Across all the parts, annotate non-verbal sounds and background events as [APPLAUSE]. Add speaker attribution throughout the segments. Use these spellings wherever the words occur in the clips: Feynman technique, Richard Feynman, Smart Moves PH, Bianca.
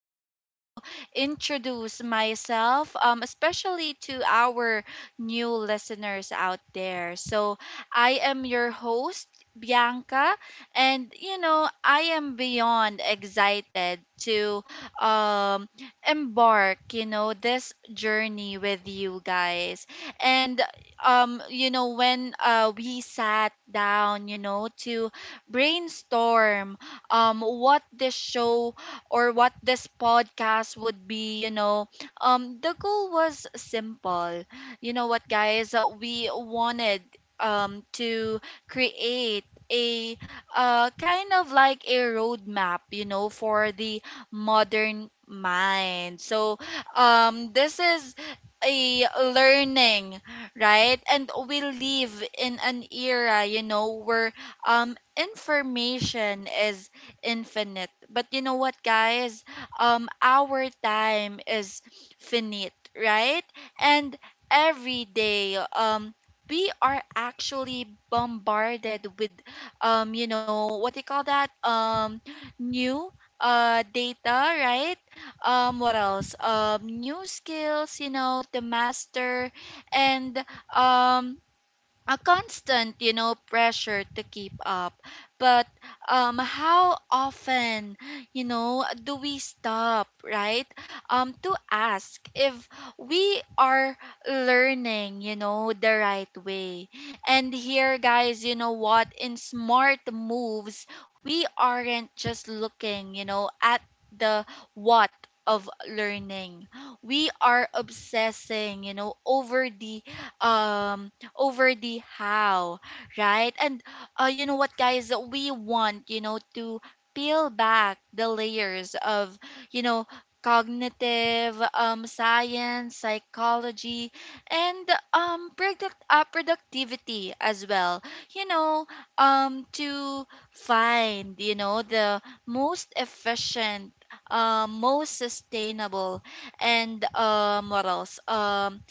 Speaker 1: like to introduce myself, especially to our new listeners out there. So, I am your host Bianca. You know, I am beyond excited to um, embark, you know, this journey with you guys. And, you know, when we sat down, you know, to brainstorm what this show or what this podcast would be, you know, the goal was simple. You know what, guys? We wanted to create a kind of like a roadmap, you know, for the modern mind. So this is a learning, right? And we live in an era, you know, where information is infinite. But you know what, guys? Our time is finite, right? And every day, we are actually bombarded with you know what they call that new data, right? What else, new skills, you know, to master. And um a constant, you know, pressure to keep up. But how often, you know, do we stop, right? To ask if we are learning, you know, the right way. And here, guys, you know what? In smart moves, we aren't just looking, you know, at the what of learning. We are obsessing, you know, um over the how, right? And You know what, guys? We want, you know, to peel back the layers of, you know, cognitive, science, psychology, and productivity as well, you know, to find, you know, the most efficient. Most sustainable and what else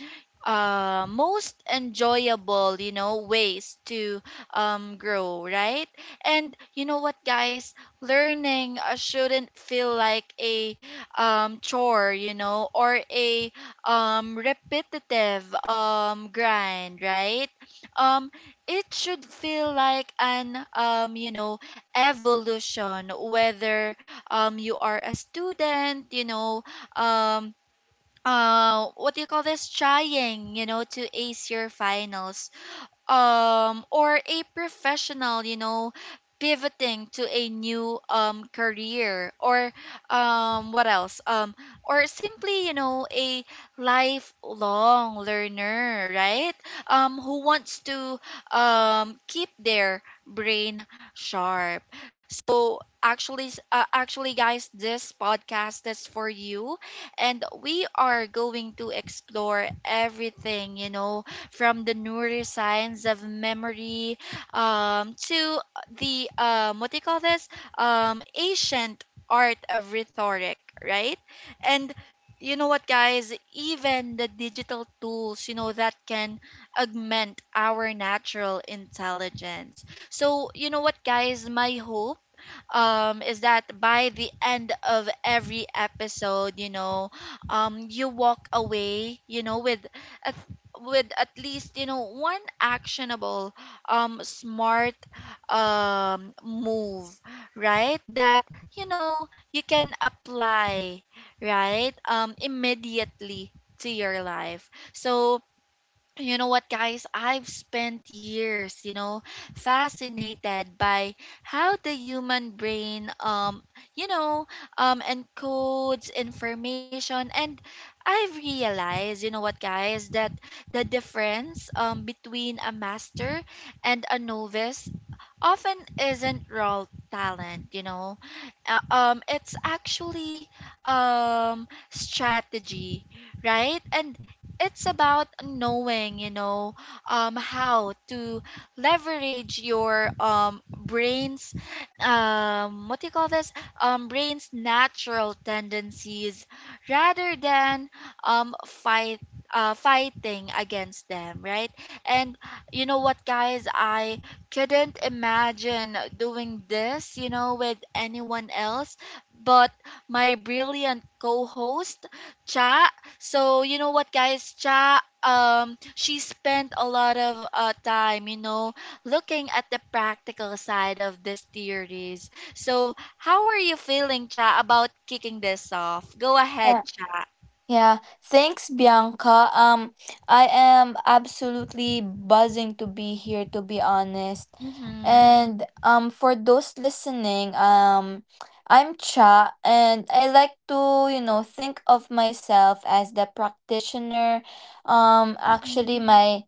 Speaker 1: most enjoyable, you know, ways to grow, right? And you know what, guys? Learning shouldn't feel like a chore, you know, or a repetitive grind, right? Um, it should feel like an, you know, evolution, whether you are a student, you know, um, what do you call this, trying, you know, to ace your finals, or a professional, you know, pivoting to a new career, or what else or simply, you know, a lifelong learner, right? Who wants to keep their brain sharp. So actually, guys, this podcast is for you, and we are going to explore everything, you know, from the neuroscience of memory to the what do you call this, ancient art of rhetoric, right? And you know what, guys? Even the digital tools, you know, that can augment our natural intelligence. So, you know what, guys? My hope is that by the end of every episode, you know, you walk away, you know, with a with at least, you know, one actionable smart move, right? That, you know, you can apply, right, immediately to your life. So, you know what, guys? I've spent years, you know, fascinated by how the human brain, you know, encodes information, and I've realized, you know what, guys, that the difference, between a master and a novice often isn't raw talent, you know. It's actually strategy, right? And it's about knowing, you know, how to leverage your brains what do you call this, brain's natural tendencies rather than um, fight fighting against them, right? And you know what, guys? I couldn't imagine doing this, you know, with anyone else but my brilliant co-host Cha. So you know what, guys? Cha, she spent a lot of time, you know, looking at the practical side of these theories. So how are you feeling, Cha, about kicking this off? Go
Speaker 2: Yeah.
Speaker 1: ahead, Cha.
Speaker 2: Yeah. Thanks, Bianca. I am absolutely buzzing to be here, to be honest.
Speaker 1: Mm-hmm.
Speaker 2: And for those listening, I'm Cha, and I like to think of myself as the practitioner. Actually,
Speaker 1: Mm-hmm.
Speaker 2: my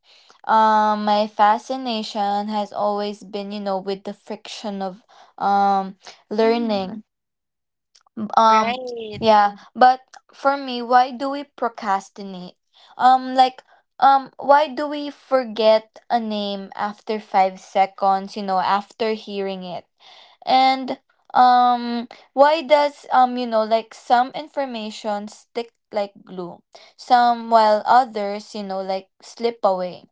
Speaker 2: um my fascination has always been with the friction of um
Speaker 1: Mm-hmm.
Speaker 2: learning. um,
Speaker 1: Right.
Speaker 2: yeah, but for me, why do we procrastinate? Like, why do we forget a name after 5 seconds after hearing it? And why does, like, some information stick like glue, some while others, like, slip away?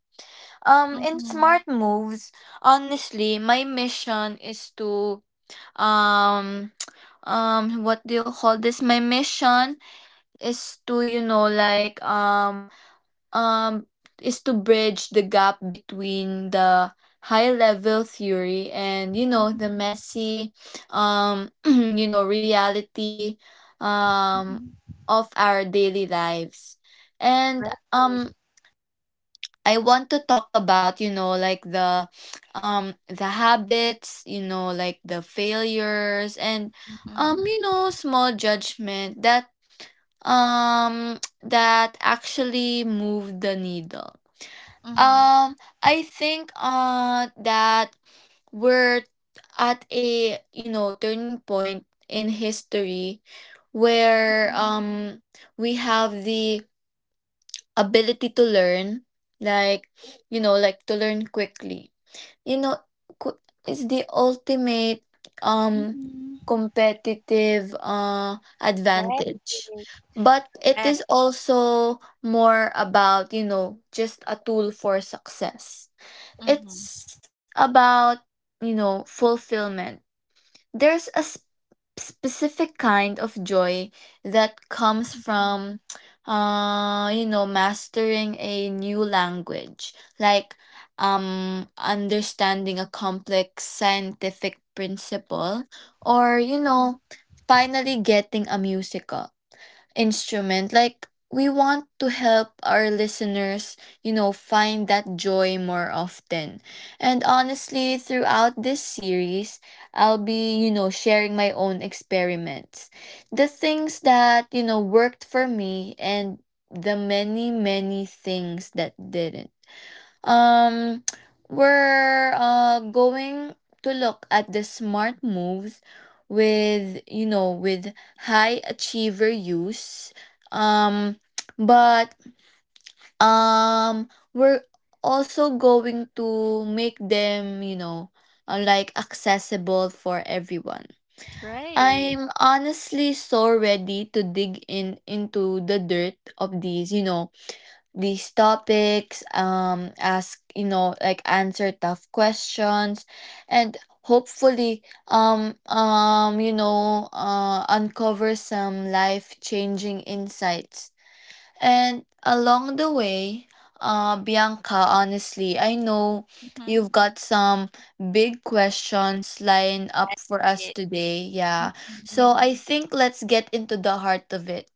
Speaker 2: In
Speaker 1: Mm-hmm.
Speaker 2: smart moves, honestly, my mission is to um what do you call this my mission is to you know like um is to bridge the gap between the high level theory and the
Speaker 1: Mm-hmm.
Speaker 2: messy [CLEARS THROAT] you know reality um of our daily lives. And
Speaker 1: Right.
Speaker 2: I want to talk about like, the habits, like, the failures and
Speaker 1: Mm-hmm.
Speaker 2: small judgment that [TSK] that actually move the needle.
Speaker 1: Mm-hmm.
Speaker 2: Um I think that we're at a turning point in history where we have the ability to learn, like, like, to learn quickly. You know, qu- it's the ultimate um
Speaker 1: Mm-hmm.
Speaker 2: competitive
Speaker 1: Right.
Speaker 2: advantage. But it
Speaker 1: Eh,
Speaker 2: is also more about just a tool for success.
Speaker 1: mhm,
Speaker 2: It's about fulfillment. There's a specific kind of joy that comes from mastering a new language, like understanding a complex scientific principle or
Speaker 1: mhm,
Speaker 2: finally getting a musical instrument. Like, we want to help our listeners, find that joy more often. And honestly, throughout this series, I'll be sharing my own experiments. The things that worked for me and the many, many things that didn't. Um, we're going to look at the smart moves with you know with high achiever use. Um, but um we're also going to make them, like, accessible for everyone.
Speaker 1: right.
Speaker 2: I'm honestly so ready to dig in into the dirt of these, these topics, ask like, answer tough questions, and hopefully uncover some life changing insights. And along the way, Bianca, honestly, I know you've got some big questions lined up for us today. Yeah,
Speaker 1: Mm-hmm.
Speaker 2: so I think let's get into the heart of it.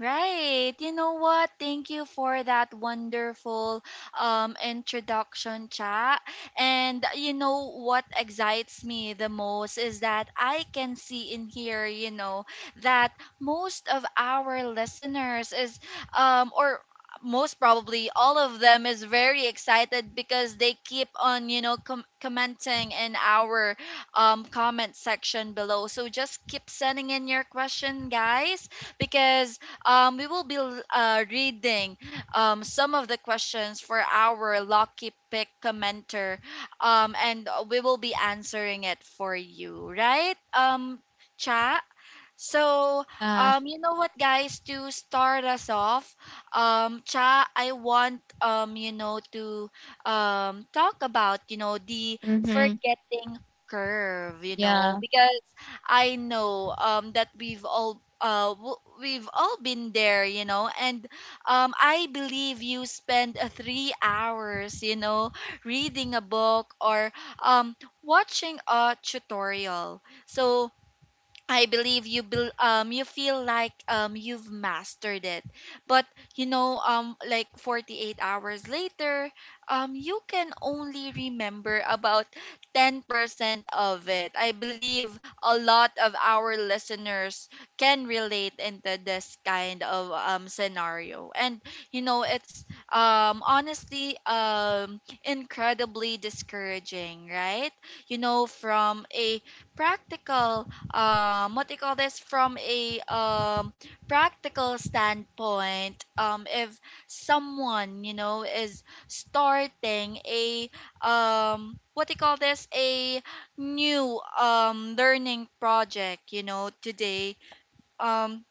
Speaker 1: Right. You know what? Thank you for that wonderful introduction, chat. And you know what excites me the most is that I can see in here, you know, that most of our listeners is or most probably all of them is very excited because they keep on, you know, commenting in our comment section below. So just keep sending in your question, guys, because we will be reading some of the questions for our lucky pick commenter, and we will be answering it for you, right, Cha? So,
Speaker 2: Yeah.
Speaker 1: you know what, guys? To start us off, Cha, I want you know, to talk about, you know, the
Speaker 2: Mm-hmm.
Speaker 1: forgetting curve, you know,
Speaker 2: Yeah.
Speaker 1: because I know that we've all been there, you know, and I believe you spend 3 hours, you know, reading a book or um watching a tutorial. So I believe you feel like you've mastered it. But you know, like 48 hours later, you can only remember about 10% of it. I believe a lot of our listeners can relate into this kind of scenario. And you know it's honestly incredibly discouraging, right? You know, from a practical what do you call this from a practical standpoint, if someone, you know, is starting a what do you call this a new learning project, you know, today, um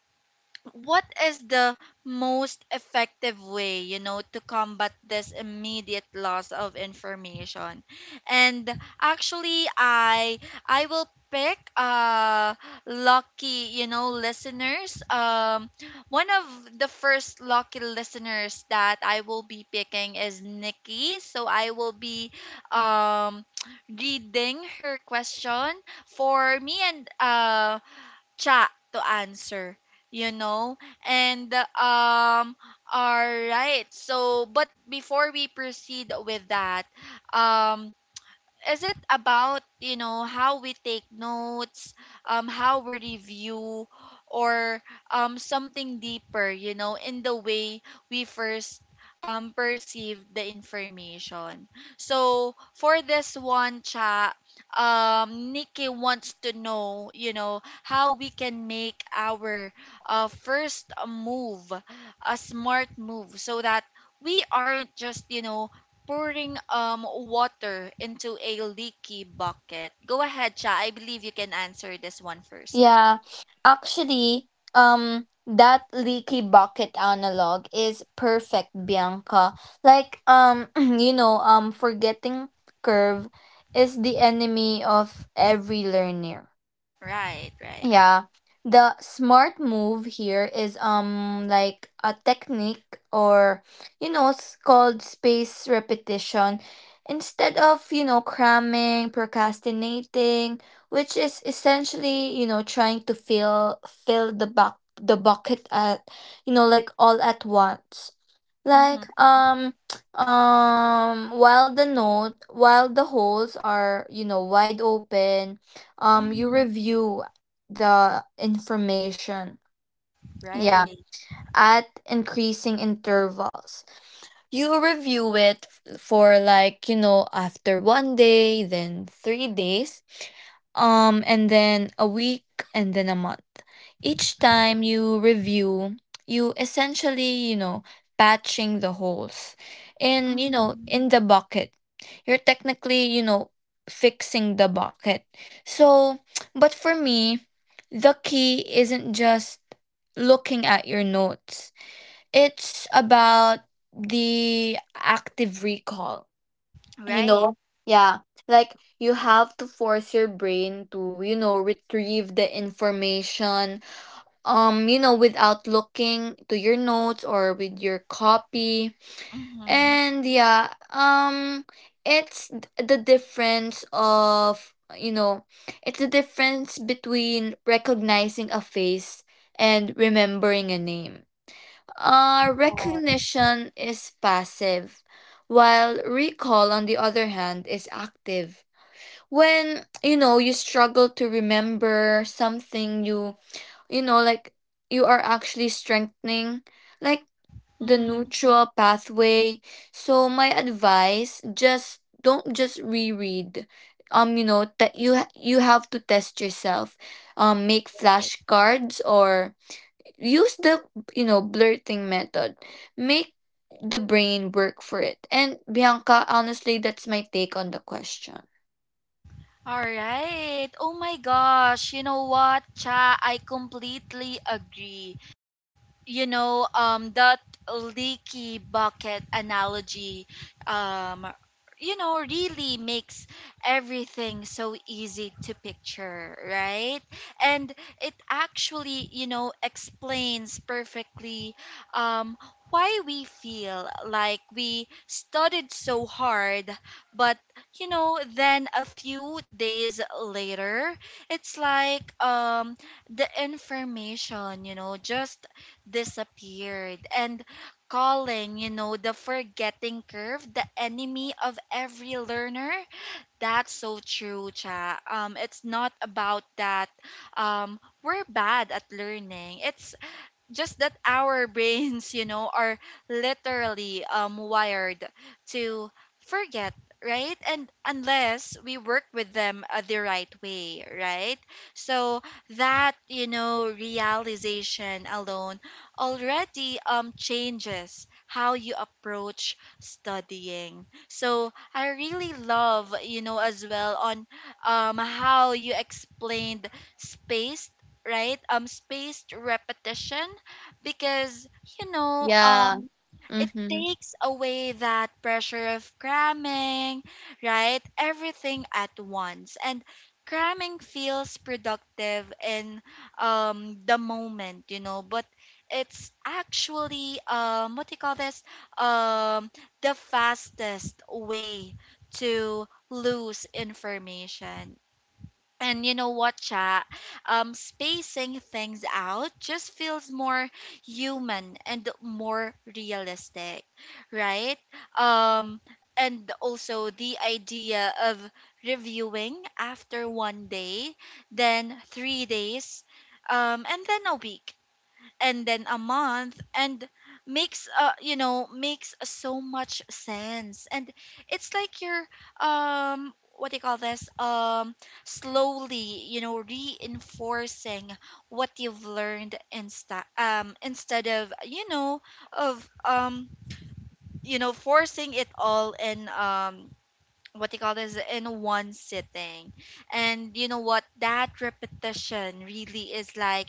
Speaker 1: what is the most effective way, you know, to combat this immediate loss of information? And actually, I will pick lucky, you know, listeners. One of the first lucky listeners that I will be picking is Nikki. So I will be um [TSK] reading her question for me and Cha to answer, you know. And All right, so, but before we proceed with that, um is it about, you know, how we take notes, how we review, or something deeper, you know, in the way we first perceive the information? So for this one, chat, Nikki wants to know, you know, how we can make our first move a smart move so that we aren't just, you know, pouring water into a leaky bucket. Go ahead, Cha. I believe you can answer this one first.
Speaker 2: Yeah, actually, that leaky bucket analog is perfect, Bianca. Like, [CLEARS THROAT] you know, forgetting curve is the enemy of every learner,
Speaker 1: Right, right.
Speaker 2: yeah. The smart move here is like a technique, or it's called space repetition, instead of cramming, procrastinating, which is essentially trying to fill the bucket at like, all at once.
Speaker 1: Mm-hmm.
Speaker 2: Like, [TSK] while the holes are wide open, you
Speaker 1: Mm-hmm.
Speaker 2: review the information, yeah,
Speaker 1: Right.
Speaker 2: at increasing intervals. You review it for, like after one day, then 3 days, and then a week, and then a month. Each time you review, you essentially patching the holes in
Speaker 1: Mm-hmm.
Speaker 2: in the bucket. You're technically fixing the bucket. So, [TSK] but for me, the key isn't just looking at your notes, it's about the active recall, you
Speaker 1: Right.
Speaker 2: know? Yeah. Like, you have to force your brain to retrieve the information, you know, without looking to your notes or with your copy.
Speaker 1: Mm-hmm.
Speaker 2: And yeah, it's the difference of, it's the difference between recognizing a face and remembering a name.
Speaker 1: Right.
Speaker 2: Recognition is passive, while recall, on the other hand, is active. When, you know, you struggle to remember something, you know like, you are actually strengthening, like, the
Speaker 1: Mm-hmm.
Speaker 2: neutral pathway. So my advice: just don't just reread. You know, that you you have to test yourself. Make
Speaker 1: Right.
Speaker 2: flashcards or use the blurting method. Make the brain work for it. And Bianca, honestly, that's my take on the question.
Speaker 1: All right. Oh my gosh. You know what, Cha? I completely agree. You know, that leaky bucket analogy, um you know, really makes everything so easy to picture, right? And it actually, you know, explains perfectly um why we feel like we studied so hard, but, you know, then a few days later, it's like, the information, you know, just disappeared. And calling, you know, the forgetting curve the enemy of every learner, that's so true, Cha. It's not about that we're bad at learning, it's just that our [LAUGHS] brains, you know, are literally wired to forget, right? And unless we work with them the right way, right? So that, you know, realization alone already changes how you approach studying. So I really love, you know, as well, on how you explained spaced right spaced repetition, because, you know,
Speaker 2: Yeah.
Speaker 1: it
Speaker 2: Mm-hmm.
Speaker 1: takes away that pressure of cramming, right, everything at once. And cramming feels productive in the moment, you know, but it's actually what do you call this um the fastest way to lose information. And you know what, chat? Spacing things out just feels more human and more realistic, right? Um, and also the idea of reviewing after one day, then 3 days, and then a week and then a month, and makes you know, makes so much sense. And it's like you're what do you call this slowly, you know, reinforcing what you've learned, instead of, you know, of you know, forcing it all in, what they call this in one sitting. And you know what? That repetition really is like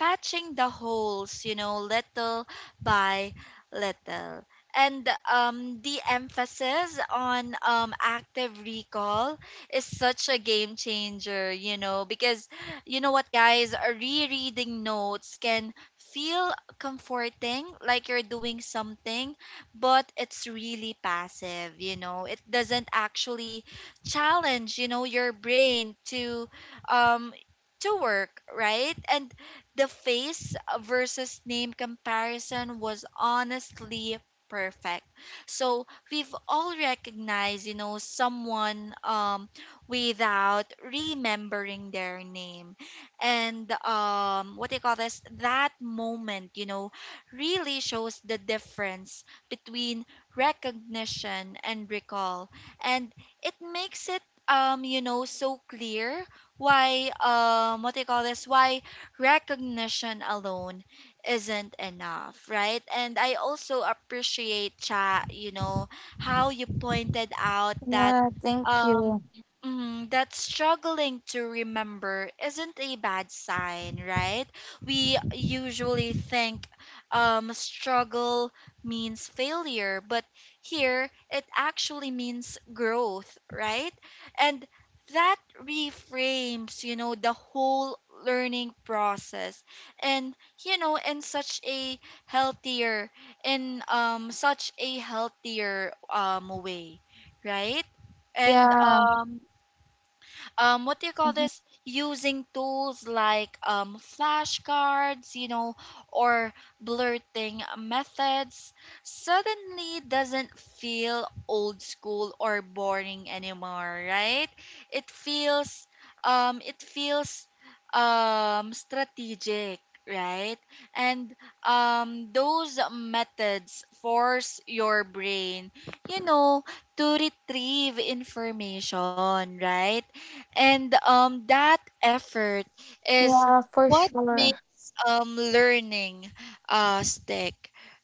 Speaker 1: patching the holes, you know, little by little. And the emphasis on active recall is such a game changer, you know, because, you know what, guys, rereading notes can feel comforting, like you're doing something, but it's really passive, you know. It doesn't actually challenge, you know, your brain um to work, right? And the face versus name comparison was honestly perfect. So we've all recognized, you know, someone without remembering their name. And what do you call this? That moment, you know, really shows the difference between recognition and recall, and it makes it so clear why what they call this why recognition alone isn't enough, right? And I also appreciate, Cha, you know, how you pointed out that
Speaker 2: Yeah, thank
Speaker 1: um
Speaker 2: you.
Speaker 1: that struggling to remember isn't a bad sign, right? We usually think struggle means failure, but here it actually means growth, right? And that reframes, you know, the whole learning process, and you know, in such a healthier, in such a healthier way, right? And
Speaker 2: Yeah.
Speaker 1: what do you call
Speaker 2: Mhm.
Speaker 1: this, using tools like flashcards, you know, or blurting methods, suddenly doesn't feel old school or boring anymore, right? It feels it feels strategic, right? And those methods force your brain, you know, to retrieve information, right? And that effort is
Speaker 2: Yeah, for
Speaker 1: what
Speaker 2: sure.
Speaker 1: makes learning stick,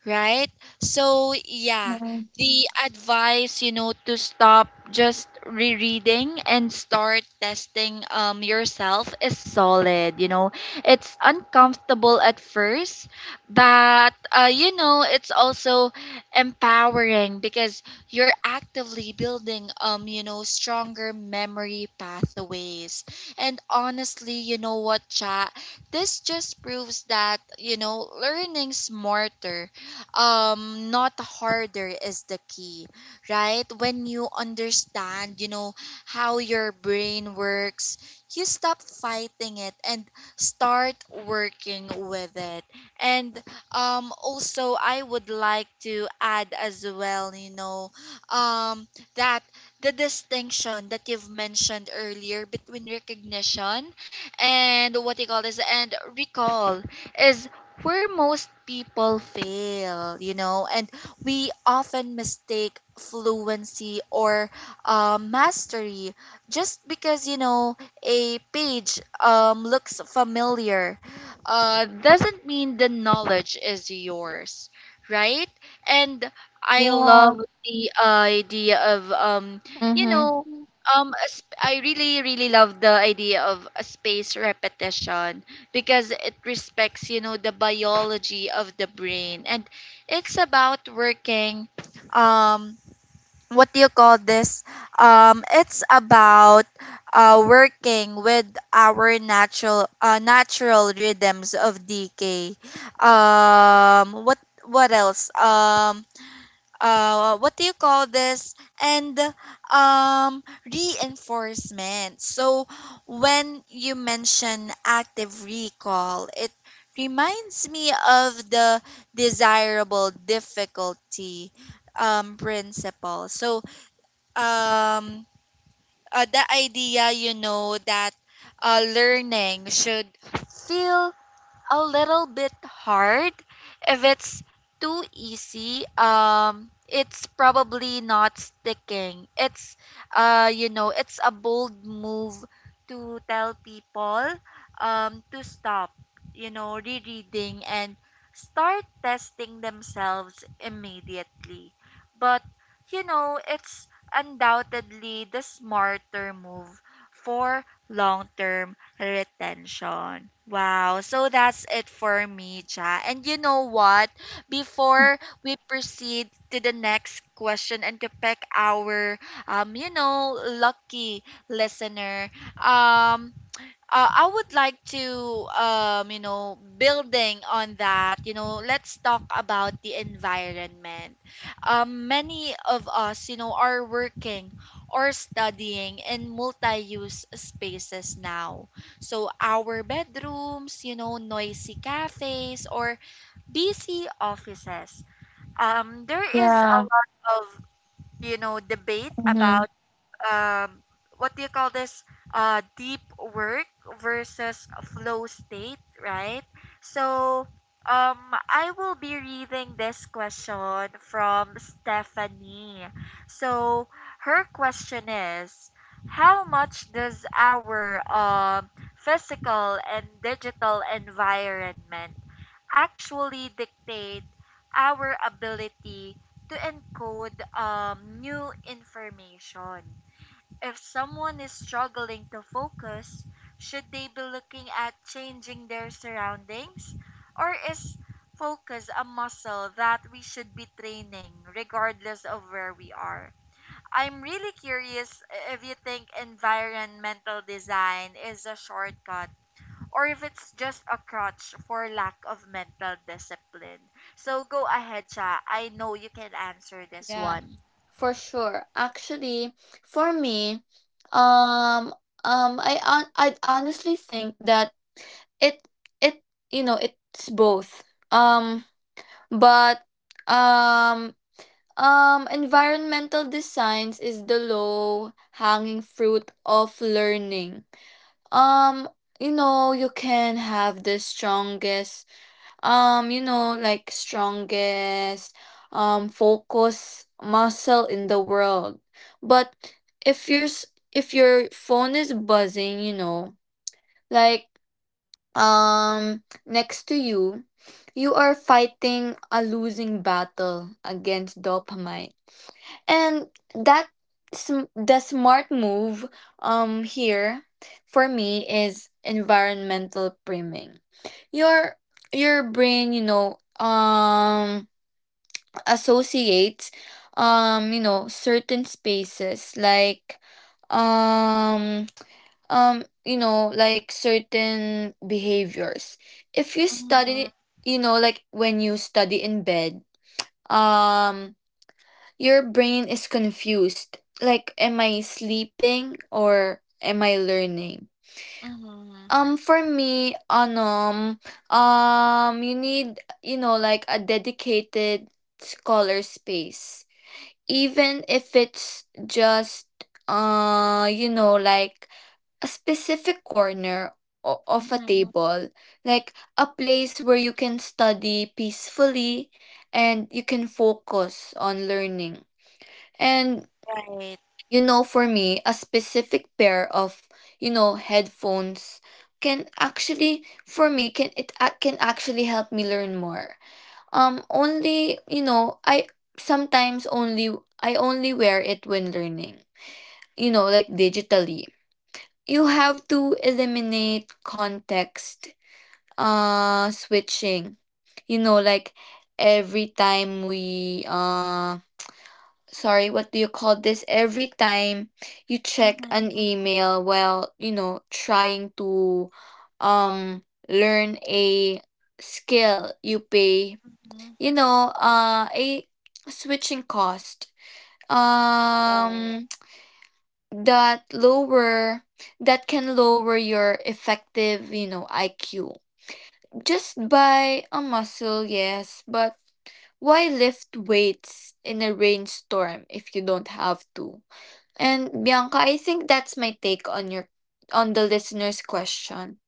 Speaker 1: right? So yeah,
Speaker 2: Mm-hmm.
Speaker 1: the advice, you know, to stop just rereading and start testing yourself is solid, you know. It's uncomfortable at first, but you know, it's also empowering because you're actively building you know, stronger memory pathways. And honestly, you know what, Chat, this just proves that, you know, learning smarter, not harder, is the key, right? When you understand, you know, how your brain works, you stop fighting it and start working with it. And also, I would like to add as well, you know, um that the distinction that you've mentioned earlier between recognition and, what you call this, and recall is where most people fail, you know. And we often mistake fluency or mastery. Just because, you know, a page looks familiar doesn't mean the knowledge is yours, right? And I
Speaker 2: Yeah.
Speaker 1: love the idea of you
Speaker 2: Mm-hmm.
Speaker 1: know a I really, really love the idea of a space repetition, because it respects, you know, the biology of the brain. And it's about working, um what do you call this, it's about working with our natural natural rhythms of decay, um what what else what do you call this, and reinforcement. So when you mention active recall, it reminds me of the desirable difficulty principle. So um the idea, you know, that learning should feel a little bit hard. If it's too easy, it's probably not sticking. You know, it's a bold move to tell people to stop, you know, rereading and start testing themselves immediately. But, you know, it's undoubtedly the smarter move for long term retention. Wow. So that's it for me, Cha. And you know what? Before we proceed to the next question and to pick our you know, lucky listener, um, I would like to, you know, building on that, you know, let's talk about the environment. Many of us, you know, are working or studying in multi-use spaces now. So our bedrooms, you know, noisy cafes or busy offices. There is a
Speaker 2: Yeah.
Speaker 1: lot of, you know, debate
Speaker 2: Mm-hmm.
Speaker 1: about um what do you call this, deep work versus flow state, right? So um I will be reading this question from Stephanie. So her question is, how much does our physical and digital environment actually dictate our ability to encode new information? If someone is struggling to focus, should they be looking at changing their surroundings? Or is focus a muscle that we should be training regardless of where we are? I'm really curious if you think environmental design is a shortcut or if it's just a crutch for lack of mental discipline. So go ahead, Cha. I know you can answer this
Speaker 2: Yeah,
Speaker 1: one.
Speaker 2: for sure. Actually, for me, um I I honestly think that it it, you know, it's both. Um but um environmental designs is the low hanging fruit of learning. um you know, you can have the strongest um you know like strongest focus muscle in the world, but if if your phone is buzzing, you know, like, next to you, you are fighting a losing battle against dopamine. And that, the smart move here, for me, is environmental priming. Your your brain, you know, associates, you know, certain spaces, like, um certain behaviors. If you
Speaker 1: Mm-hmm,
Speaker 2: study, you know, like, when you study in bed, um your brain is confused, like, am I sleeping or am I learning?
Speaker 1: mm-hmm,
Speaker 2: For me anum you need, you know, like, a dedicated scholar space, even if it's just, you know, like, a specific corner of a
Speaker 1: mm-hmm.
Speaker 2: table, like, a place where you can study peacefully and you can focus on learning. And
Speaker 1: Right.
Speaker 2: you know, for me, a specific pair of headphones can actually, for me, can actually help me learn more. Only, you know, I sometimes only, I only wear it when learning. You know, like, digitally you have to eliminate context switching, you know, like, every time we sorry what do you call this every time you
Speaker 1: Mhm,
Speaker 2: check an
Speaker 1: mhm.
Speaker 2: email while trying to um learn a skill, you pay, you know, a switching cost,
Speaker 1: Oke.
Speaker 2: um that lower that can lower your effective, you know, IQ just by a muscle, yes, but why lift weights in a rainstorm if you don't have to? And Bianca, I think that's my take on your, on the listener's question.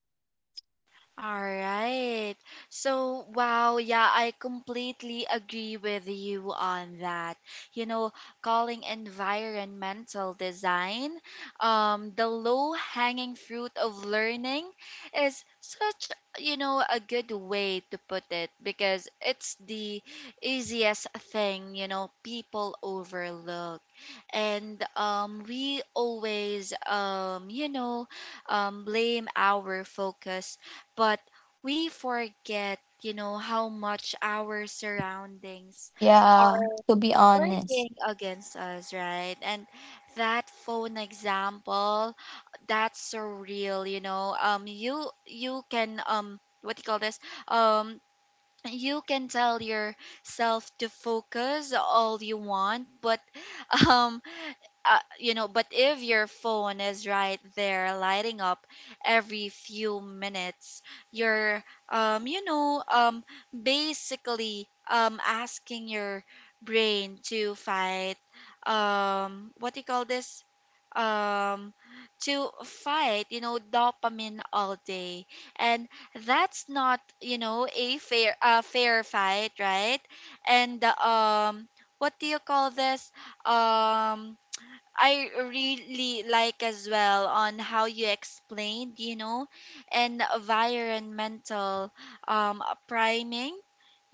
Speaker 1: All right. So, wow, yeah, I completely agree with you on that. You know, calling environmental design the low-hanging fruit of learning is such, you know, a good way to put it, because it's the easiest thing, you know, people overlook. And we always you know, blame our focus, but we forget, you know, how much our surroundings are
Speaker 2: Yeah, to be honest.
Speaker 1: working against us, right? And that phone example, that's so real, you know. You, you can what do you call this? Um, you can tell yourself to focus all you want, but [LAUGHS] um you know, but if your phone is right there lighting up every few minutes, you're, you know, basically asking your brain to fight, what do you call this? Um, to fight, you know, dopamine all day. And that's not, you know, a fair fight, right? And what do you call this? Um, I really like as well on how you explained, you know, and environmental um, priming,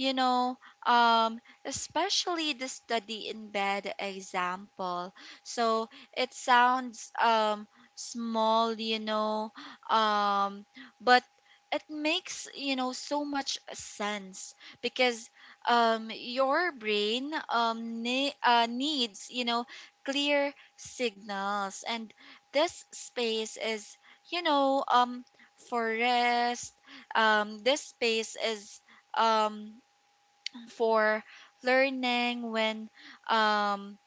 Speaker 1: you know, um, especially the study in bed example. So it sounds small, you know, um, but it makes, you know, so much sense because your brain needs, you know, clear signals. And this space is, you know, for rest, this space is um for learning. When um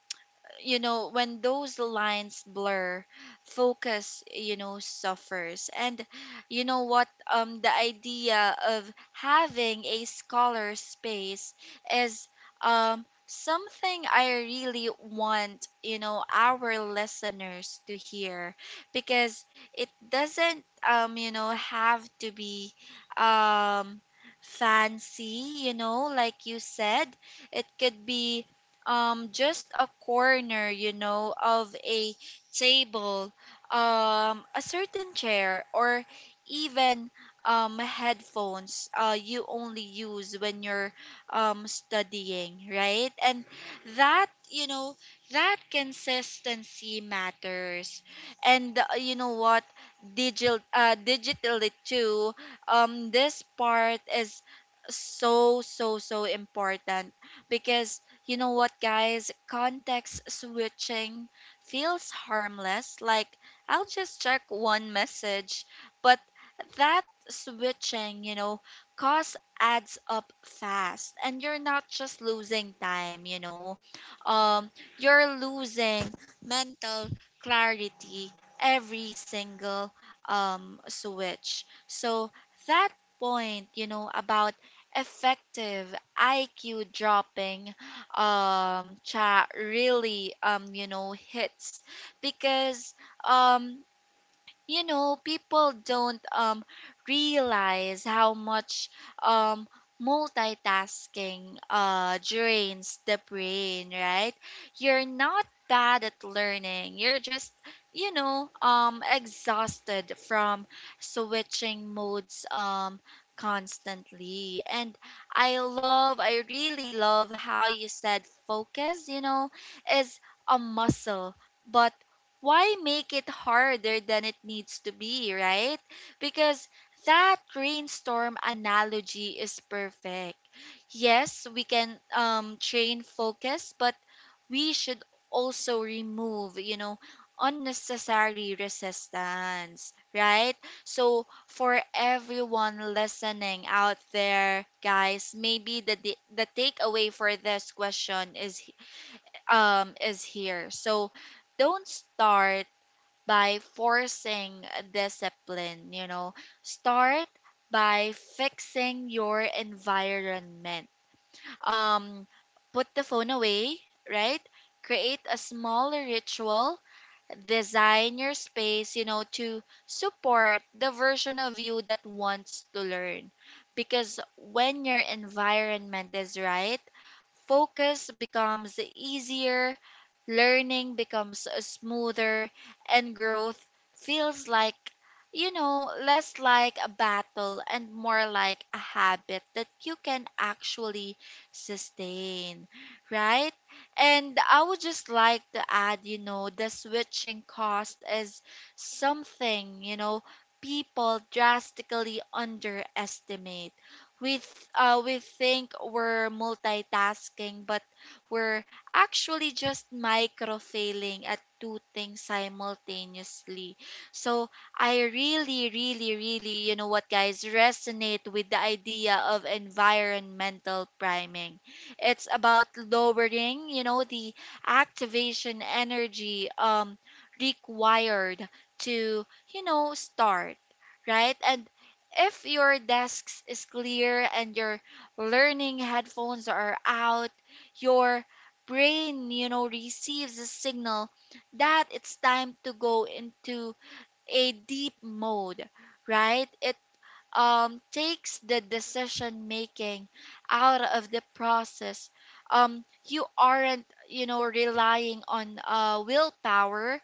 Speaker 1: you know, when those lines blur, focus, you know, suffers. And you know what, the idea of having a scholar space is something I really want, you know, our listeners to hear, because it doesn't you know, have to be um fancy. You know, like you said, it could be just a corner, you know, of a table, a certain chair, or even headphones you only use when you're studying, right? And that, you know, that consistency matters. And you know what, digital, digitally too, this part is so, so, so important, because you know what, guys? Context switching feels harmless. Like, I'll just check one message. But that switching, you know, cost adds up fast. And you're not just losing time, you know, um, you're losing mental clarity every single switch. So, that point, you know, about effective IQ dropping chat really you know hits because um you know, people don't realize how much um multitasking drains the brain, right? You're not bad at learning, you're just, you know, exhausted from switching modes constantly. And I love, I really love how you said focus, you know, is a muscle, but why make it harder than it needs to be, right? Because that rainstorm analogy is perfect. Yes, we can train focus, but we should also remove, you know, unnecessary resistance, right? So for everyone listening out there, guys, maybe the takeaway for this question is here. So don't start by forcing discipline, you know. Start by fixing your environment. Um Put the phone away, right? Create a small ritual, design your space, you know, to support the version of you that wants to learn. Because when your environment is right, focus becomes easier, learning becomes smoother, and growth feels like, you know, less like a battle and more like a habit that you can actually sustain, right? And I would just like to add, you know, the switching cost is something, you know, people drastically underestimate. We think we're multitasking, but we're actually just micro failing at two things simultaneously. So I really, really, really, you know what, guys, resonate with the idea of environmental priming. It's about lowering, you know, the activation energy required to, you know, start, right? And if your desk is clear and your learning headphones are out, your brain, you know, receives a signal that it's time to go into a deep mode, right? It takes the decision making out of the process. You aren't, you know, relying on willpower,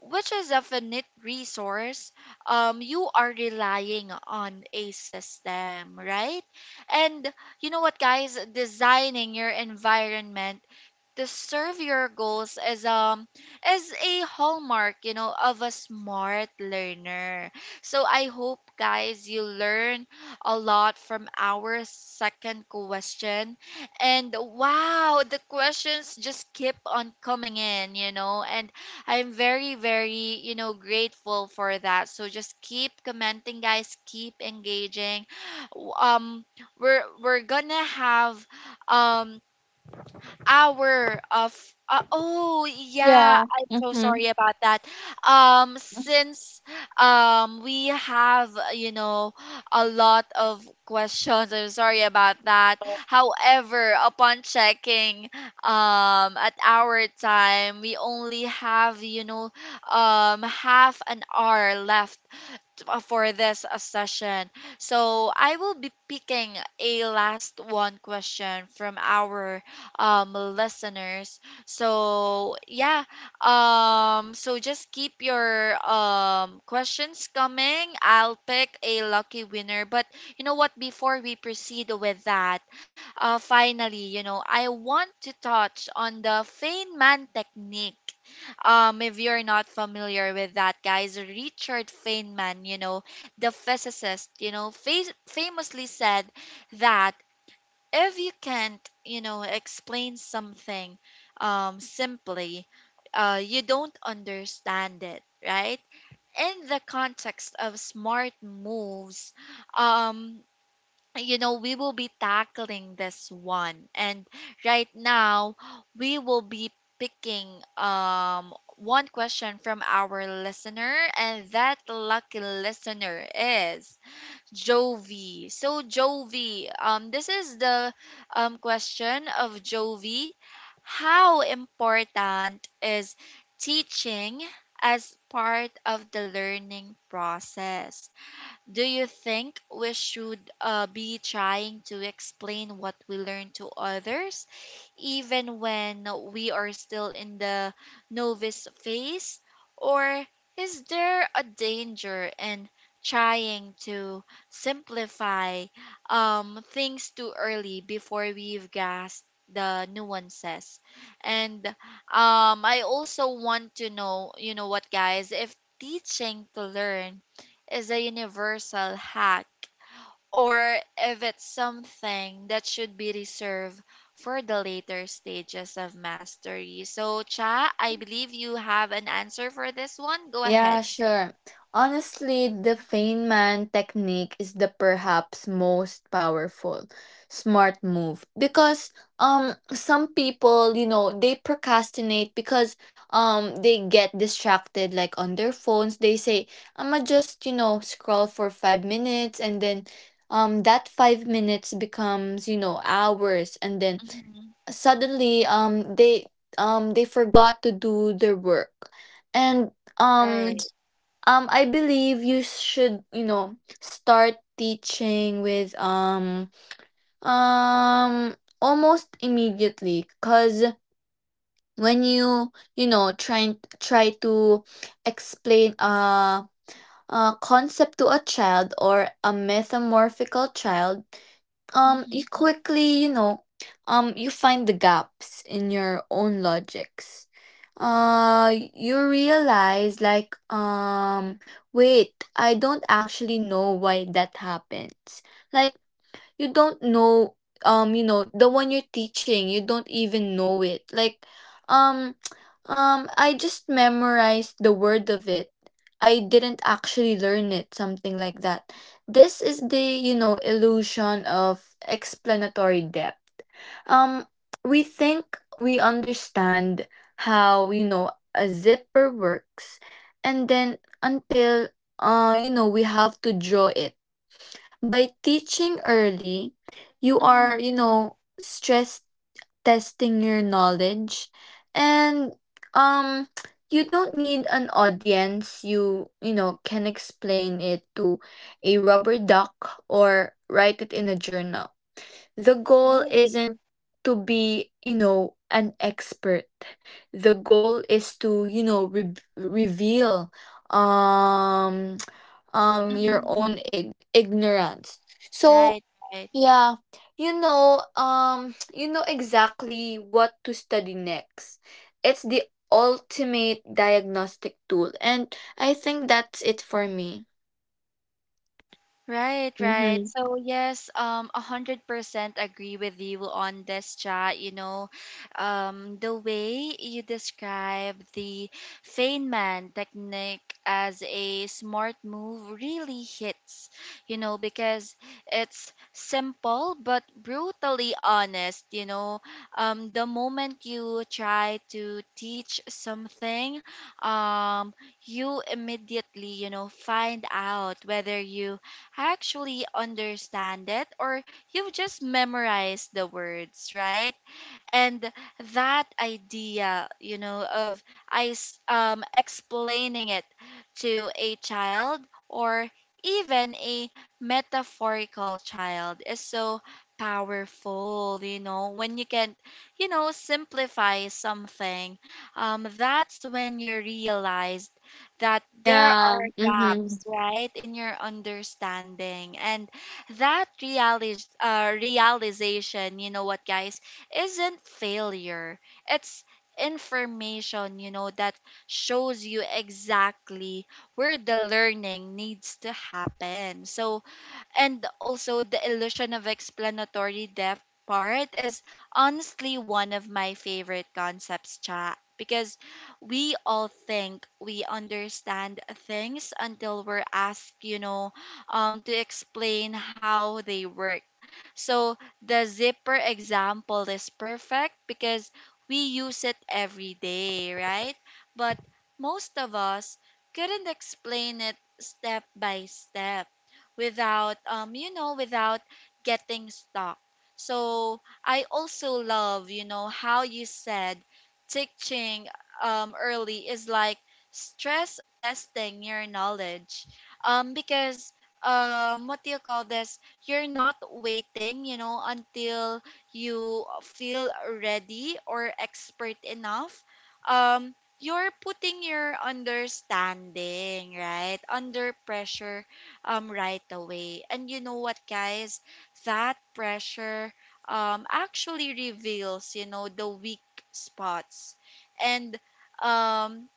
Speaker 1: which is a finite resource. You are relying on a system, right? And you know what, guys? Designing your environment to serve your goals is a hallmark, you know, of a smart learner. So I hope, guys, you learn a lot from our second question. And wow, the questions just keep on coming in, you know, and I'm very, very, you know, grateful for that. So just keep commenting, guys, keep engaging. Um we're gonna have um hour of oh yeah,
Speaker 2: Yeah.
Speaker 1: I'm so
Speaker 2: Mm-hmm.
Speaker 1: sorry about that. Since we have, you know, a lot of questions, I'm sorry about that. However, upon checking at our time, we only have, you know, half an hour left for this session. So I will be picking a last one question from our listeners. So yeah, so just keep your questions coming. I'll pick a lucky winner. But you know what? Before we proceed with that, finally, you know, I want to touch on the Feynman technique. If you're not familiar with that, guys, Richard Feynman, you know, the physicist, you know, famously said that if you can't, you know, explain something simply, you don't understand it, right? In the context of smart moves, um, you know, we will be tackling this one. And right now, we will be picking one question from our listener, and that lucky listener is Jovi. So Jovi, this is the question of Jovi. How important is teaching as part of the learning process? Do you think we should be trying to explain what we learn to others, even when we are still in the novice phase? Or is there a danger in trying to simplify things too early before we've grasped the nuances? And I also want to know, you know what, guys, if teaching to learn is a universal hack or if it's something that should be reserved for the later stages of mastery. So, Cha, I believe you have an answer for this one. Go
Speaker 2: Yeah,
Speaker 1: ahead.
Speaker 2: sure. Honestly, the Feynman technique is the perhaps most powerful smart move because, some people, you know, they procrastinate because they get distracted, like, on their phones. They say, "I'ma just, you know, scroll for 5 minutes and then, that 5 minutes becomes, you know, hours and then
Speaker 1: Mhm.
Speaker 2: suddenly, they forgot to do their work." And um
Speaker 1: Right.
Speaker 2: I believe you should, you know, start teaching with, um almost immediately, because when you know, try to explain a concept to a child or a metamorphical child, you
Speaker 1: Mhm.
Speaker 2: quickly, you know, you find the gaps in your own logics. Uh, you realize, like, wait, I don't actually know why that happens. Like, you don't know, you know, the one you're teaching, you don't even know it, like, um [TSK] I just memorized the word of it, I didn't actually learn it, something like that. This is the, you know, illusion of explanatory depth. um we think we understand how, you know, a zipper works, and then until, you know, we have to draw it. By teaching early, you are,
Speaker 1: Mhm.
Speaker 2: you know, stress testing your knowledge. And, um you don't need an audience, you know can explain it to a rubber duck or write it in a journal. The goal
Speaker 1: Right.
Speaker 2: isn't to be, you know, an expert. The goal is to, you know, reveal, um [TSK] your
Speaker 1: Mhm.
Speaker 2: own, ignorance. So,
Speaker 1: Right. Right.
Speaker 2: yeah, you know, [TSK] you know exactly what to study next. It's the ultimate diagnostic tool, and I think that's it for me.
Speaker 1: Right, right.
Speaker 2: Mhm.
Speaker 1: So yes, 100% agree with you on this chat. The way you describe the Feynman technique as a smart move really hits. You know, because it's simple but brutally honest. The moment you try to teach something, um, you immediately find out whether you actually understand it or you've just memorized the words, right? And that idea, you know, of explaining it to a child or even a metaphorical child is so powerful, you know, when you can, you know, simplify something, that's when you realize that there
Speaker 2: Yeah.
Speaker 1: are gaps,
Speaker 2: Mhm.
Speaker 1: right, in your understanding. And that realization, you know what, guys, isn't failure. It's information, you know, that shows you exactly where the learning needs to happen. So, and also the illusion of explanatory depth part is honestly one of my favorite concepts, chat, because we all think we understand things until we're asked, to explain how they work. So the zipper example is perfect because we use it every day, right, but most of us couldn't explain it step by step without, you know, without getting stuck. So I also love, you know, how you said teaching early is like stress testing your knowledge, because what do you call this you're not waiting, you know, until you feel ready or expert enough. um you're putting your understanding right under pressure, right away. And you know what, guys? That pressure, actually reveals, you know, the weak spots. And, um,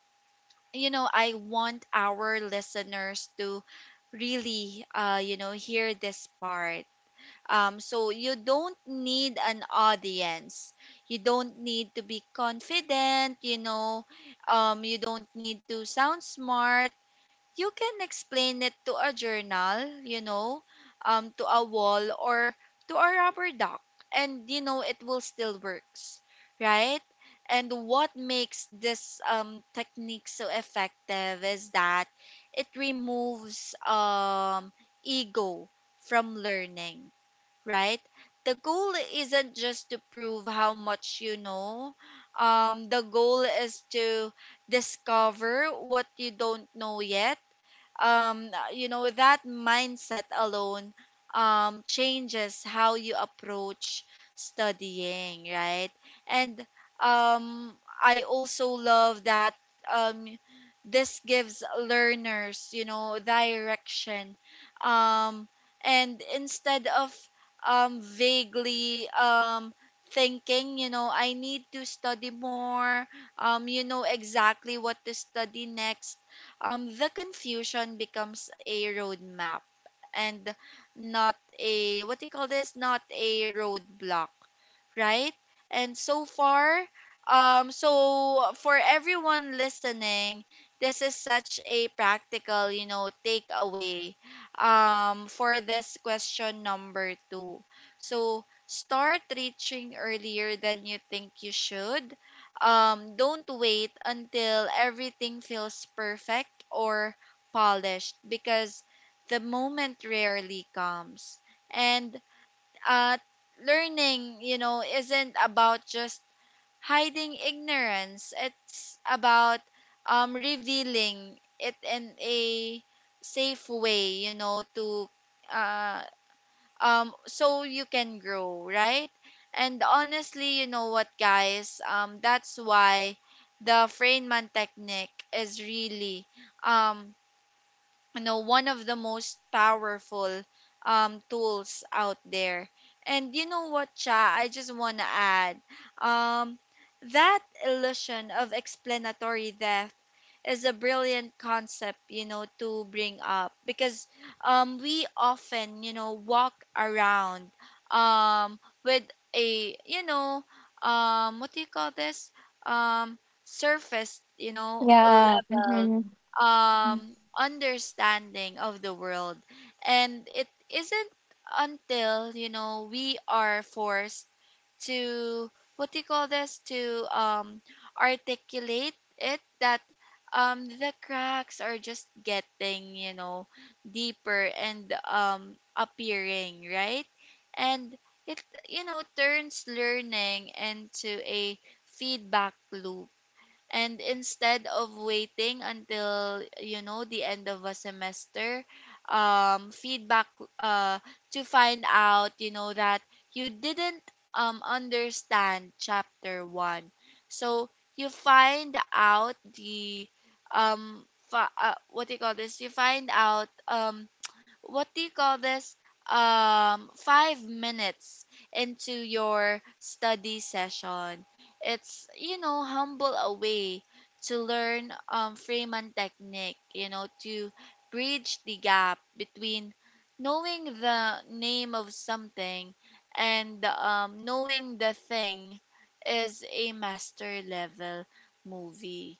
Speaker 1: you know, I want our listeners to really, you know, hear this part. So you don't need an audience. You don't need to be confident, you know. You don't need to sound smart. You can explain it to a journal, you know, to a wall or to a rubber duck, and you know it will still works, right? And what makes this, technique so effective is that it removes, ego from learning, right? The goal isn't just to prove how much you know. The goal is to discover what you don't know yet. You know, that mindset alone changes how you approach studying, right? And um I also love that um this gives learners, you know, direction, um and instead of vaguely thinking, you know, I need to study more, you know exactly what to study next. The confusion becomes a roadmap and not a, what do you call this? Not a roadblock, right? And so far, so for everyone listening, this is such a practical, you know, takeaway, for this question number two. So start reaching earlier than you think you should. Don't wait until everything feels perfect or polished because the moment rarely comes. And uh, learning, you know, isn't about just hiding ignorance. It's about, revealing it in a safe way, you know, to uh, so you can grow, right? And honestly, you know what, guys? That's why the Feynman technique is really um you know, one of the most powerful tools out there. And you know what, cha, I just want to add um that illusion of explanatory theft is a brilliant concept, you know, to bring up because, we often, you know, walk around, um, with a, you know, what do you call this? Um, surface, you know,
Speaker 2: Yeah.
Speaker 1: level,
Speaker 2: Mhm.
Speaker 1: understanding of the world. And it isn't until, you know, we are forced to, what do you call this to articulate it, that the cracks are just getting, you know, deeper and appearing, right? And it, you know, turns learning into a feedback loop. And instead of waiting until, you know, the end of a semester, feedback uh, to find out, you know, that you didn't, understand chapter one. So you find out the, fa- what do you call this? You find out, what do you call this 5 minutes into your study session. It's, you know, humble a way to learn, Freeman technique, you know, to bridge the gap between knowing the name of something and knowing the thing is a master level movie,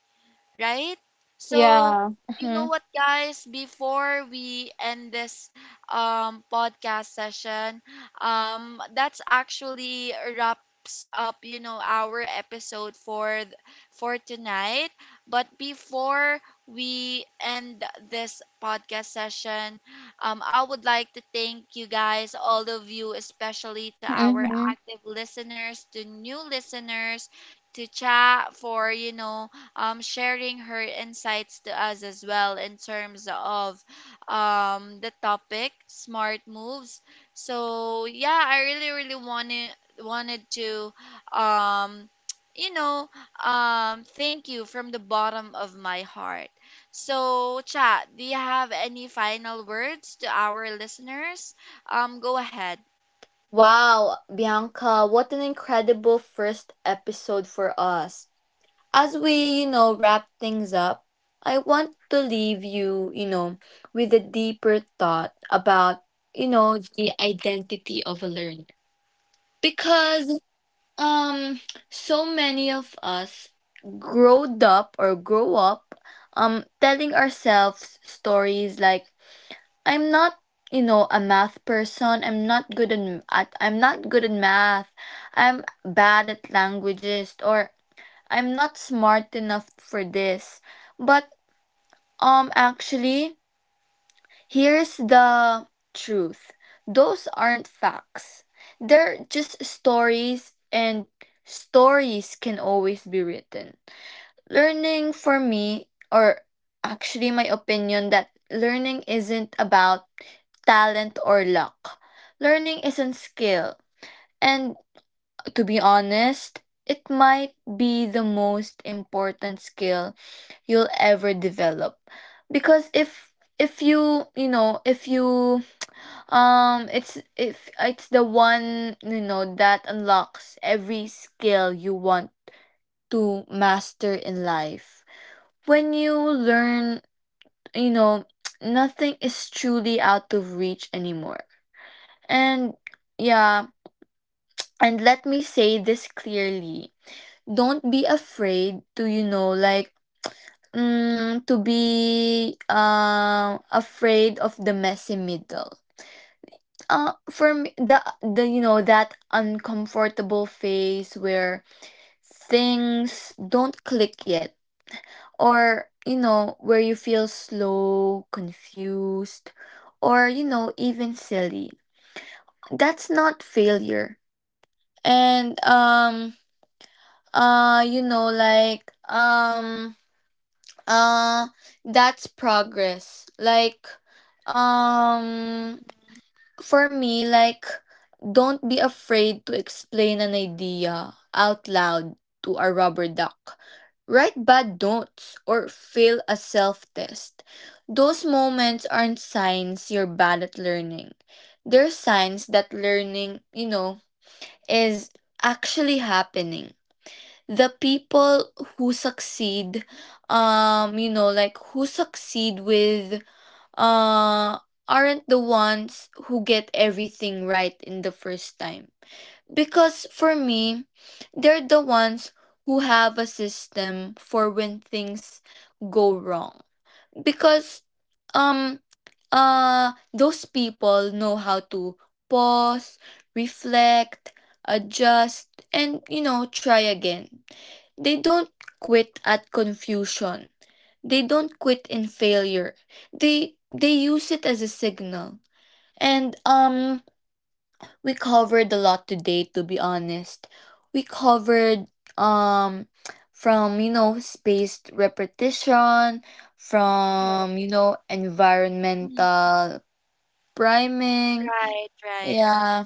Speaker 1: right? So,
Speaker 2: Yeah.
Speaker 1: you know
Speaker 2: Mhm.
Speaker 1: what, guys? Before we end this, podcast session, that's actually wraps up, you know, our episode for for tonight. But before we end this podcast session, I would like to thank you guys, all of you, especially to our
Speaker 2: Mhm.
Speaker 1: active listeners, to new listeners, to chat for, you know, sharing her insights to us as well in terms of, the topic smart moves. So yeah, I really really wanted to um, you know, thank you from the bottom of my heart. So chat, do you have any final words to our listeners? Go ahead.
Speaker 2: Wow, Bianca, what an incredible first episode for us. As we, you know, wrap things up, I want to leave you, you know, with a deeper thought about, you know, the identity of a learner. Because, um so many of us growed up or grow up, telling ourselves stories like, I'm not, you know, a math person. I'm not good in math. I'm bad at languages, or I'm not smart enough for this. But, actually, here's the truth. Those aren't facts. They're just stories, and stories can always be written. Learning, for me, or actually, my opinion, that learning isn't about talent or luck. Learning isn't skill, and, to be honest, it might be the most important skill you'll ever develop. Because if you you know if you it's if it's the one, you know, that unlocks every skill you want to master in life. When you learn, you know, [TSK] nothing is truly out of reach anymore. And yeah, and let me say this clearly. Don't be afraid to, you know, like, to be, afraid of the messy middle. For me, the, you know, that uncomfortable phase where things don't click yet, or you know, where you feel slow, confused, or, you know, even silly, that's not failure. And, you know, like, uh that's progress, like, um for me, like, don't be afraid to explain an idea out loud to a rubber duck. Write bad notes or fail a self test. Those moments aren't signs you're bad at learning. They're signs that learning, you know, is actually happening. The people who succeed, you know, like, who succeed with, uh, aren't the ones who get everything right in the first time. Because, for me, they're the ones who have a system for when things go wrong. Because, um those people know how to pause, reflect, adjust, and, you know, try again. They don't quit at confusion. They don't quit in failure. They use it as a signal. And, we covered a lot today, to be honest. We covered, um from, you know, spaced repetition, from, you know,
Speaker 1: Mhm.
Speaker 2: environmental priming,
Speaker 1: Right, right.
Speaker 2: yeah.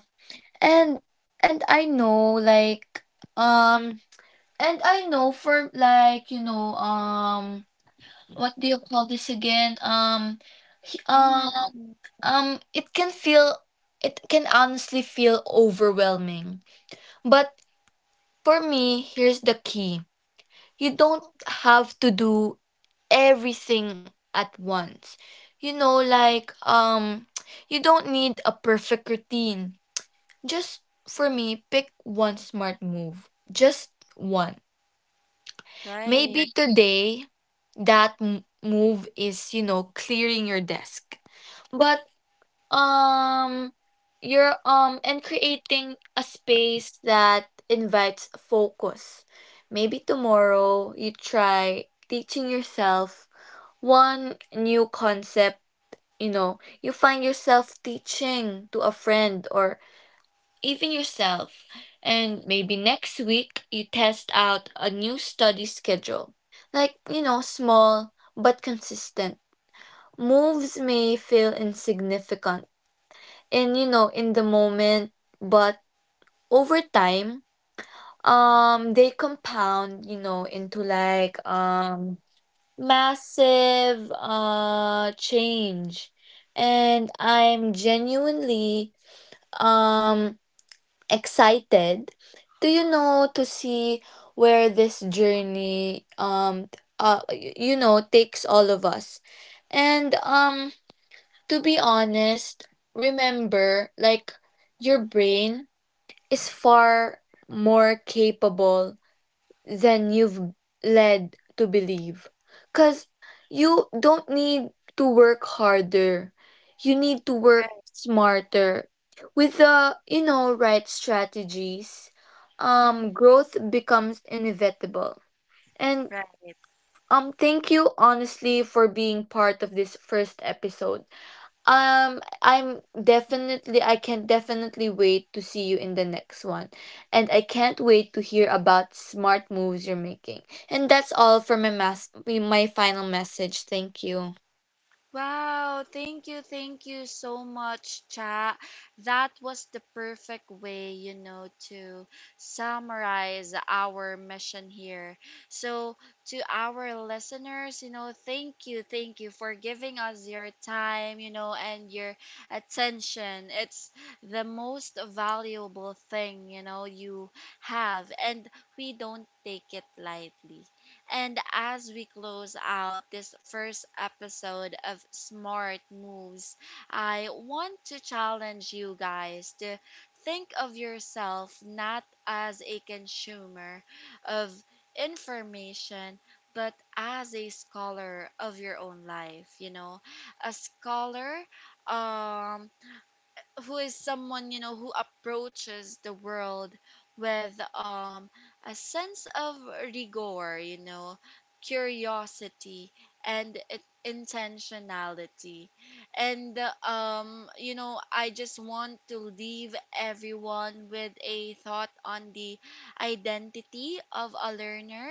Speaker 2: And and i know like um I know, for, like, you know, what do you call this again he-
Speaker 1: Mm-hmm.
Speaker 2: it can feel, it can honestly feel overwhelming. But, for me, here's the key. You don't have to do everything at once. You know, like, you don't need a perfect routine. Just, for me, pick one smart move. Just one.
Speaker 1: Right.
Speaker 2: Maybe today, that, move is, you know, clearing your desk. But. Um, you're, and creating a space that invites focus. Maybe tomorrow you try teaching yourself one new concept, you know, you find yourself teaching to a friend or even yourself. And maybe next week you test out a new study schedule. Like, you know, small but consistent. Moves may feel insignificant in, you know, in the moment, but over time, they compound, you know, into, like, massive change. And I'm genuinely, um excited to, you know, to see where this journey, you know, takes all of us. And, to be honest, remember, like, your brain is far more capable than you've led to believe. Because you don't need to work harder, you need to work smarter. With the, you know, right strategies,
Speaker 1: Mm-hmm.
Speaker 2: growth becomes inevitable. And,
Speaker 1: Right.
Speaker 2: thank you, honestly, for being part of this first episode. I'm definitely, I can definitely wait to see you in the next one. And I can't wait to hear about smart moves you're making. And that's all for my, my final message. Thank you.
Speaker 1: Wow, thank you so much, Cha. That was the perfect way, you know, to summarize our mission here. So, to our listeners, you know, thank you for giving us your time, you know, and your attention. It's the most valuable thing, you know, you have, and we don't take it lightly. And as we close out this first episode of Smart Moves, I want to challenge you guys to think of yourself not as a consumer of information, but as a scholar of your own life, you know, a scholar, um who is someone, you know, who approaches the world with, a sense of rigor, you know, curiosity, and intentionality. And you know, I just want to leave everyone with a thought on the identity of a learner.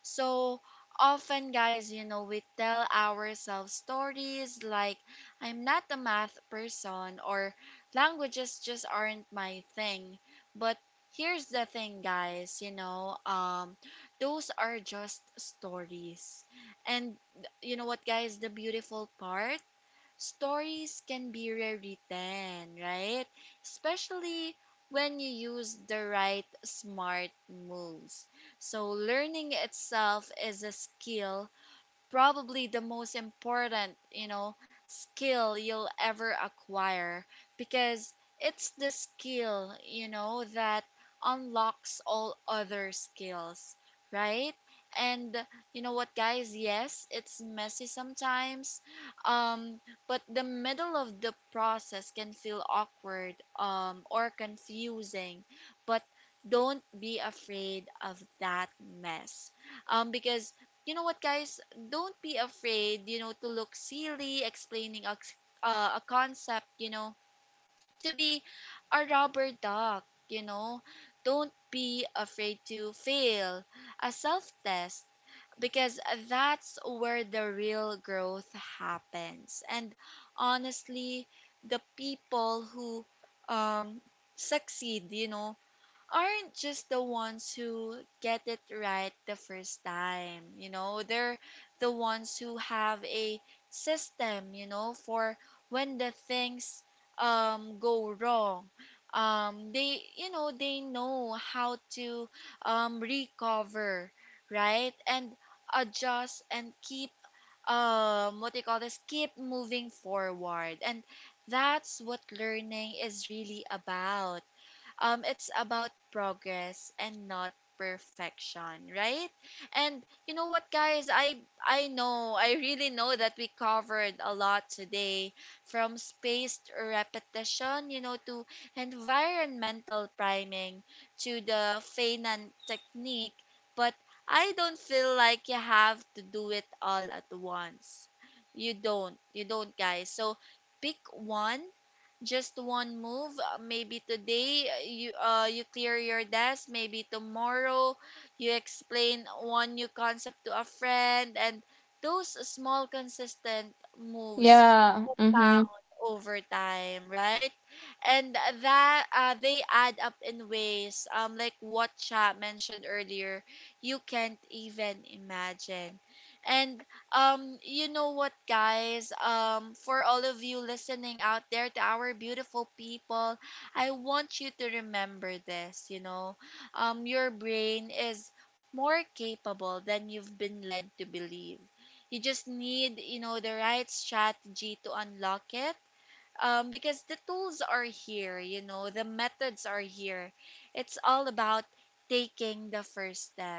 Speaker 1: So often, guys, you know, we tell ourselves stories like I'm not a math person or languages just aren't my thing. But here's the thing, guys, you know, those are just stories. And you know what, guys, the beautiful part? Stories can be rewritten, right? Especially when you use the right smart moves. So, learning itself is a skill, probably the most important, you know, skill you'll ever acquire, because it's the skill, you know, that unlocks all other skills, right? And you know what, guys? Yes, it's messy sometimes, um, but the middle of the process can feel awkward, or confusing. But don't be afraid of that mess, because you know what, guys? Don't be afraid, you know, to look silly explaining a concept, you know, to be a rubber duck, you know. Don't be afraid to fail a self test because that's where the real growth happens. And honestly, the people who, um, succeed, you know, aren't just the ones who get it right the first time. You know, they're the ones who have a system, you know, for when the things go wrong. They, you know, they know how to, recover, right? And adjust and keep, what they call this keep moving forward. And that's what learning is really about, it's about progress and not perfection, right? And you know what, guys? I know, I really know that we covered a lot today, from spaced repetition, you know, to environmental priming, to the Feynman technique. But I don't feel like you have to do it all at once. You don't. You don't, guys. So pick one, just one move, maybe today you clear your desk, maybe tomorrow you explain one new concept to a friend. And those small consistent moves
Speaker 2: Yeah. Mm-hmm.
Speaker 1: compound over time, right? And that, they add up in ways, like what Cha mentioned earlier, you can't even imagine. And you know what, guys? For all of you listening out there, to our beautiful people, I want you to remember this. You know, your brain is more capable than you've been led to believe. You just need, you know, the right strategy to unlock it, because the tools are here, you know, the methods are here. It's all about taking the first step.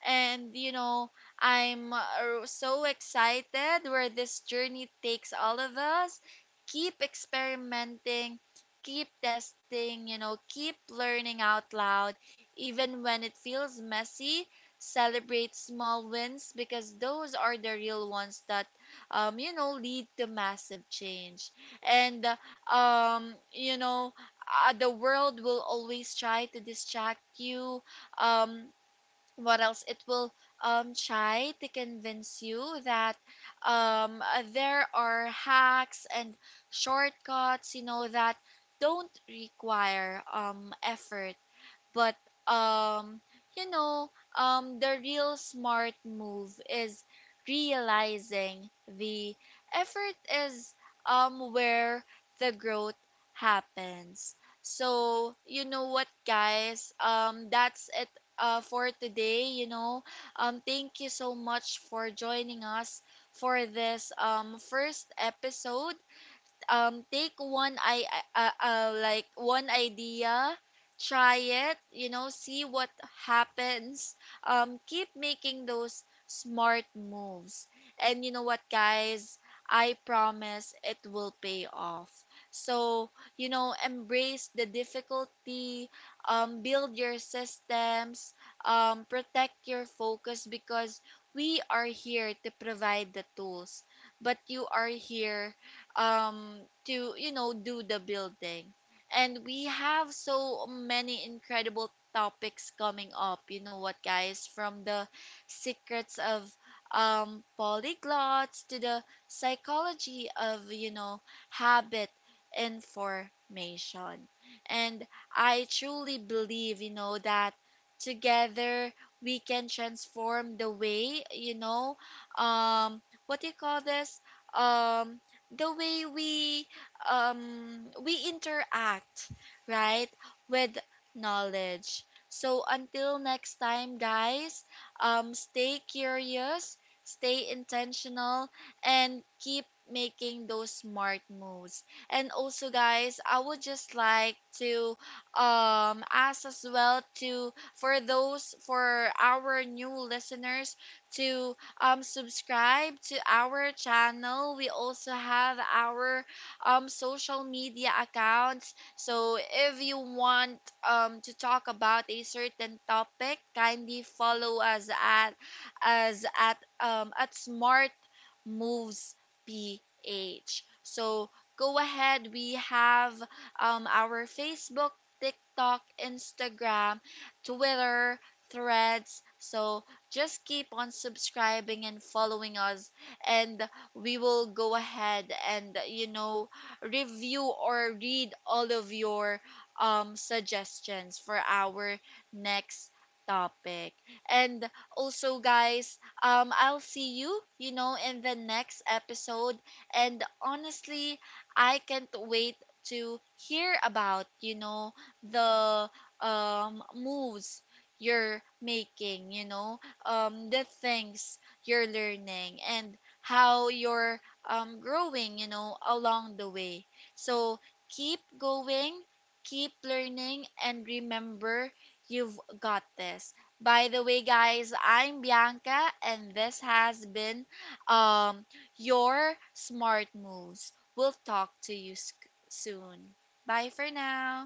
Speaker 1: And, you know, I'm so excited where this journey takes all of us. Keep experimenting, keep testing, you know, keep learning out loud, even when it feels messy. Celebrate small wins because those are the real ones that, you know, lead to massive change. And you know, the world will always try to distract you, um what else it will try to convince you that there are hacks and shortcuts, you know, that don't require, effort. But um you know, the real smart move is realizing the effort is, where the growth happens. So you know what, guys, that's it, for today, you know. Thank you so much for joining us for this, first episode. Take one I Like one idea, try it, you know, see what happens. Keep making those smart moves, and you know what, guys, I promise it will pay off. So, you know, embrace the difficulty, build your systems, protect your focus, because we are here to provide the tools, but you are here, um to, you know, do the building. And we have so many incredible topics coming up, you know what, guys, from the secrets of, polyglots, to the psychology of, you know, habit information. And I truly believe, you know, that together we can transform the way, you know um what do you call this um the way we, we interact, right, with knowledge. So until next time, guys, stay curious, stay intentional, and keep making those smart moves. And also, guys, I would just like to, ask as well to, for those, for our new listeners, to subscribe to our channel. We also have our, social media accounts. So if you want, to talk about a certain topic, kindly follow us at, as at Smart Moves PH. So go ahead. We have, our Facebook, TikTok, Instagram, Twitter, Threads. So just keep on subscribing and following us, and we will go ahead and, you know, review or read all of your, suggestions for our next topic. And also, guys, I'll see you, you know, in the next episode. And honestly, I can't wait to hear about, you know, the, moves you're making, you know, the things you're learning and how you're, growing, you know, along the way. So keep going, keep learning, and remember, you've got this. By the way, guys, I'm Bianca, and this has been, um, your smart moves. We'll talk to you soon. Bye for now.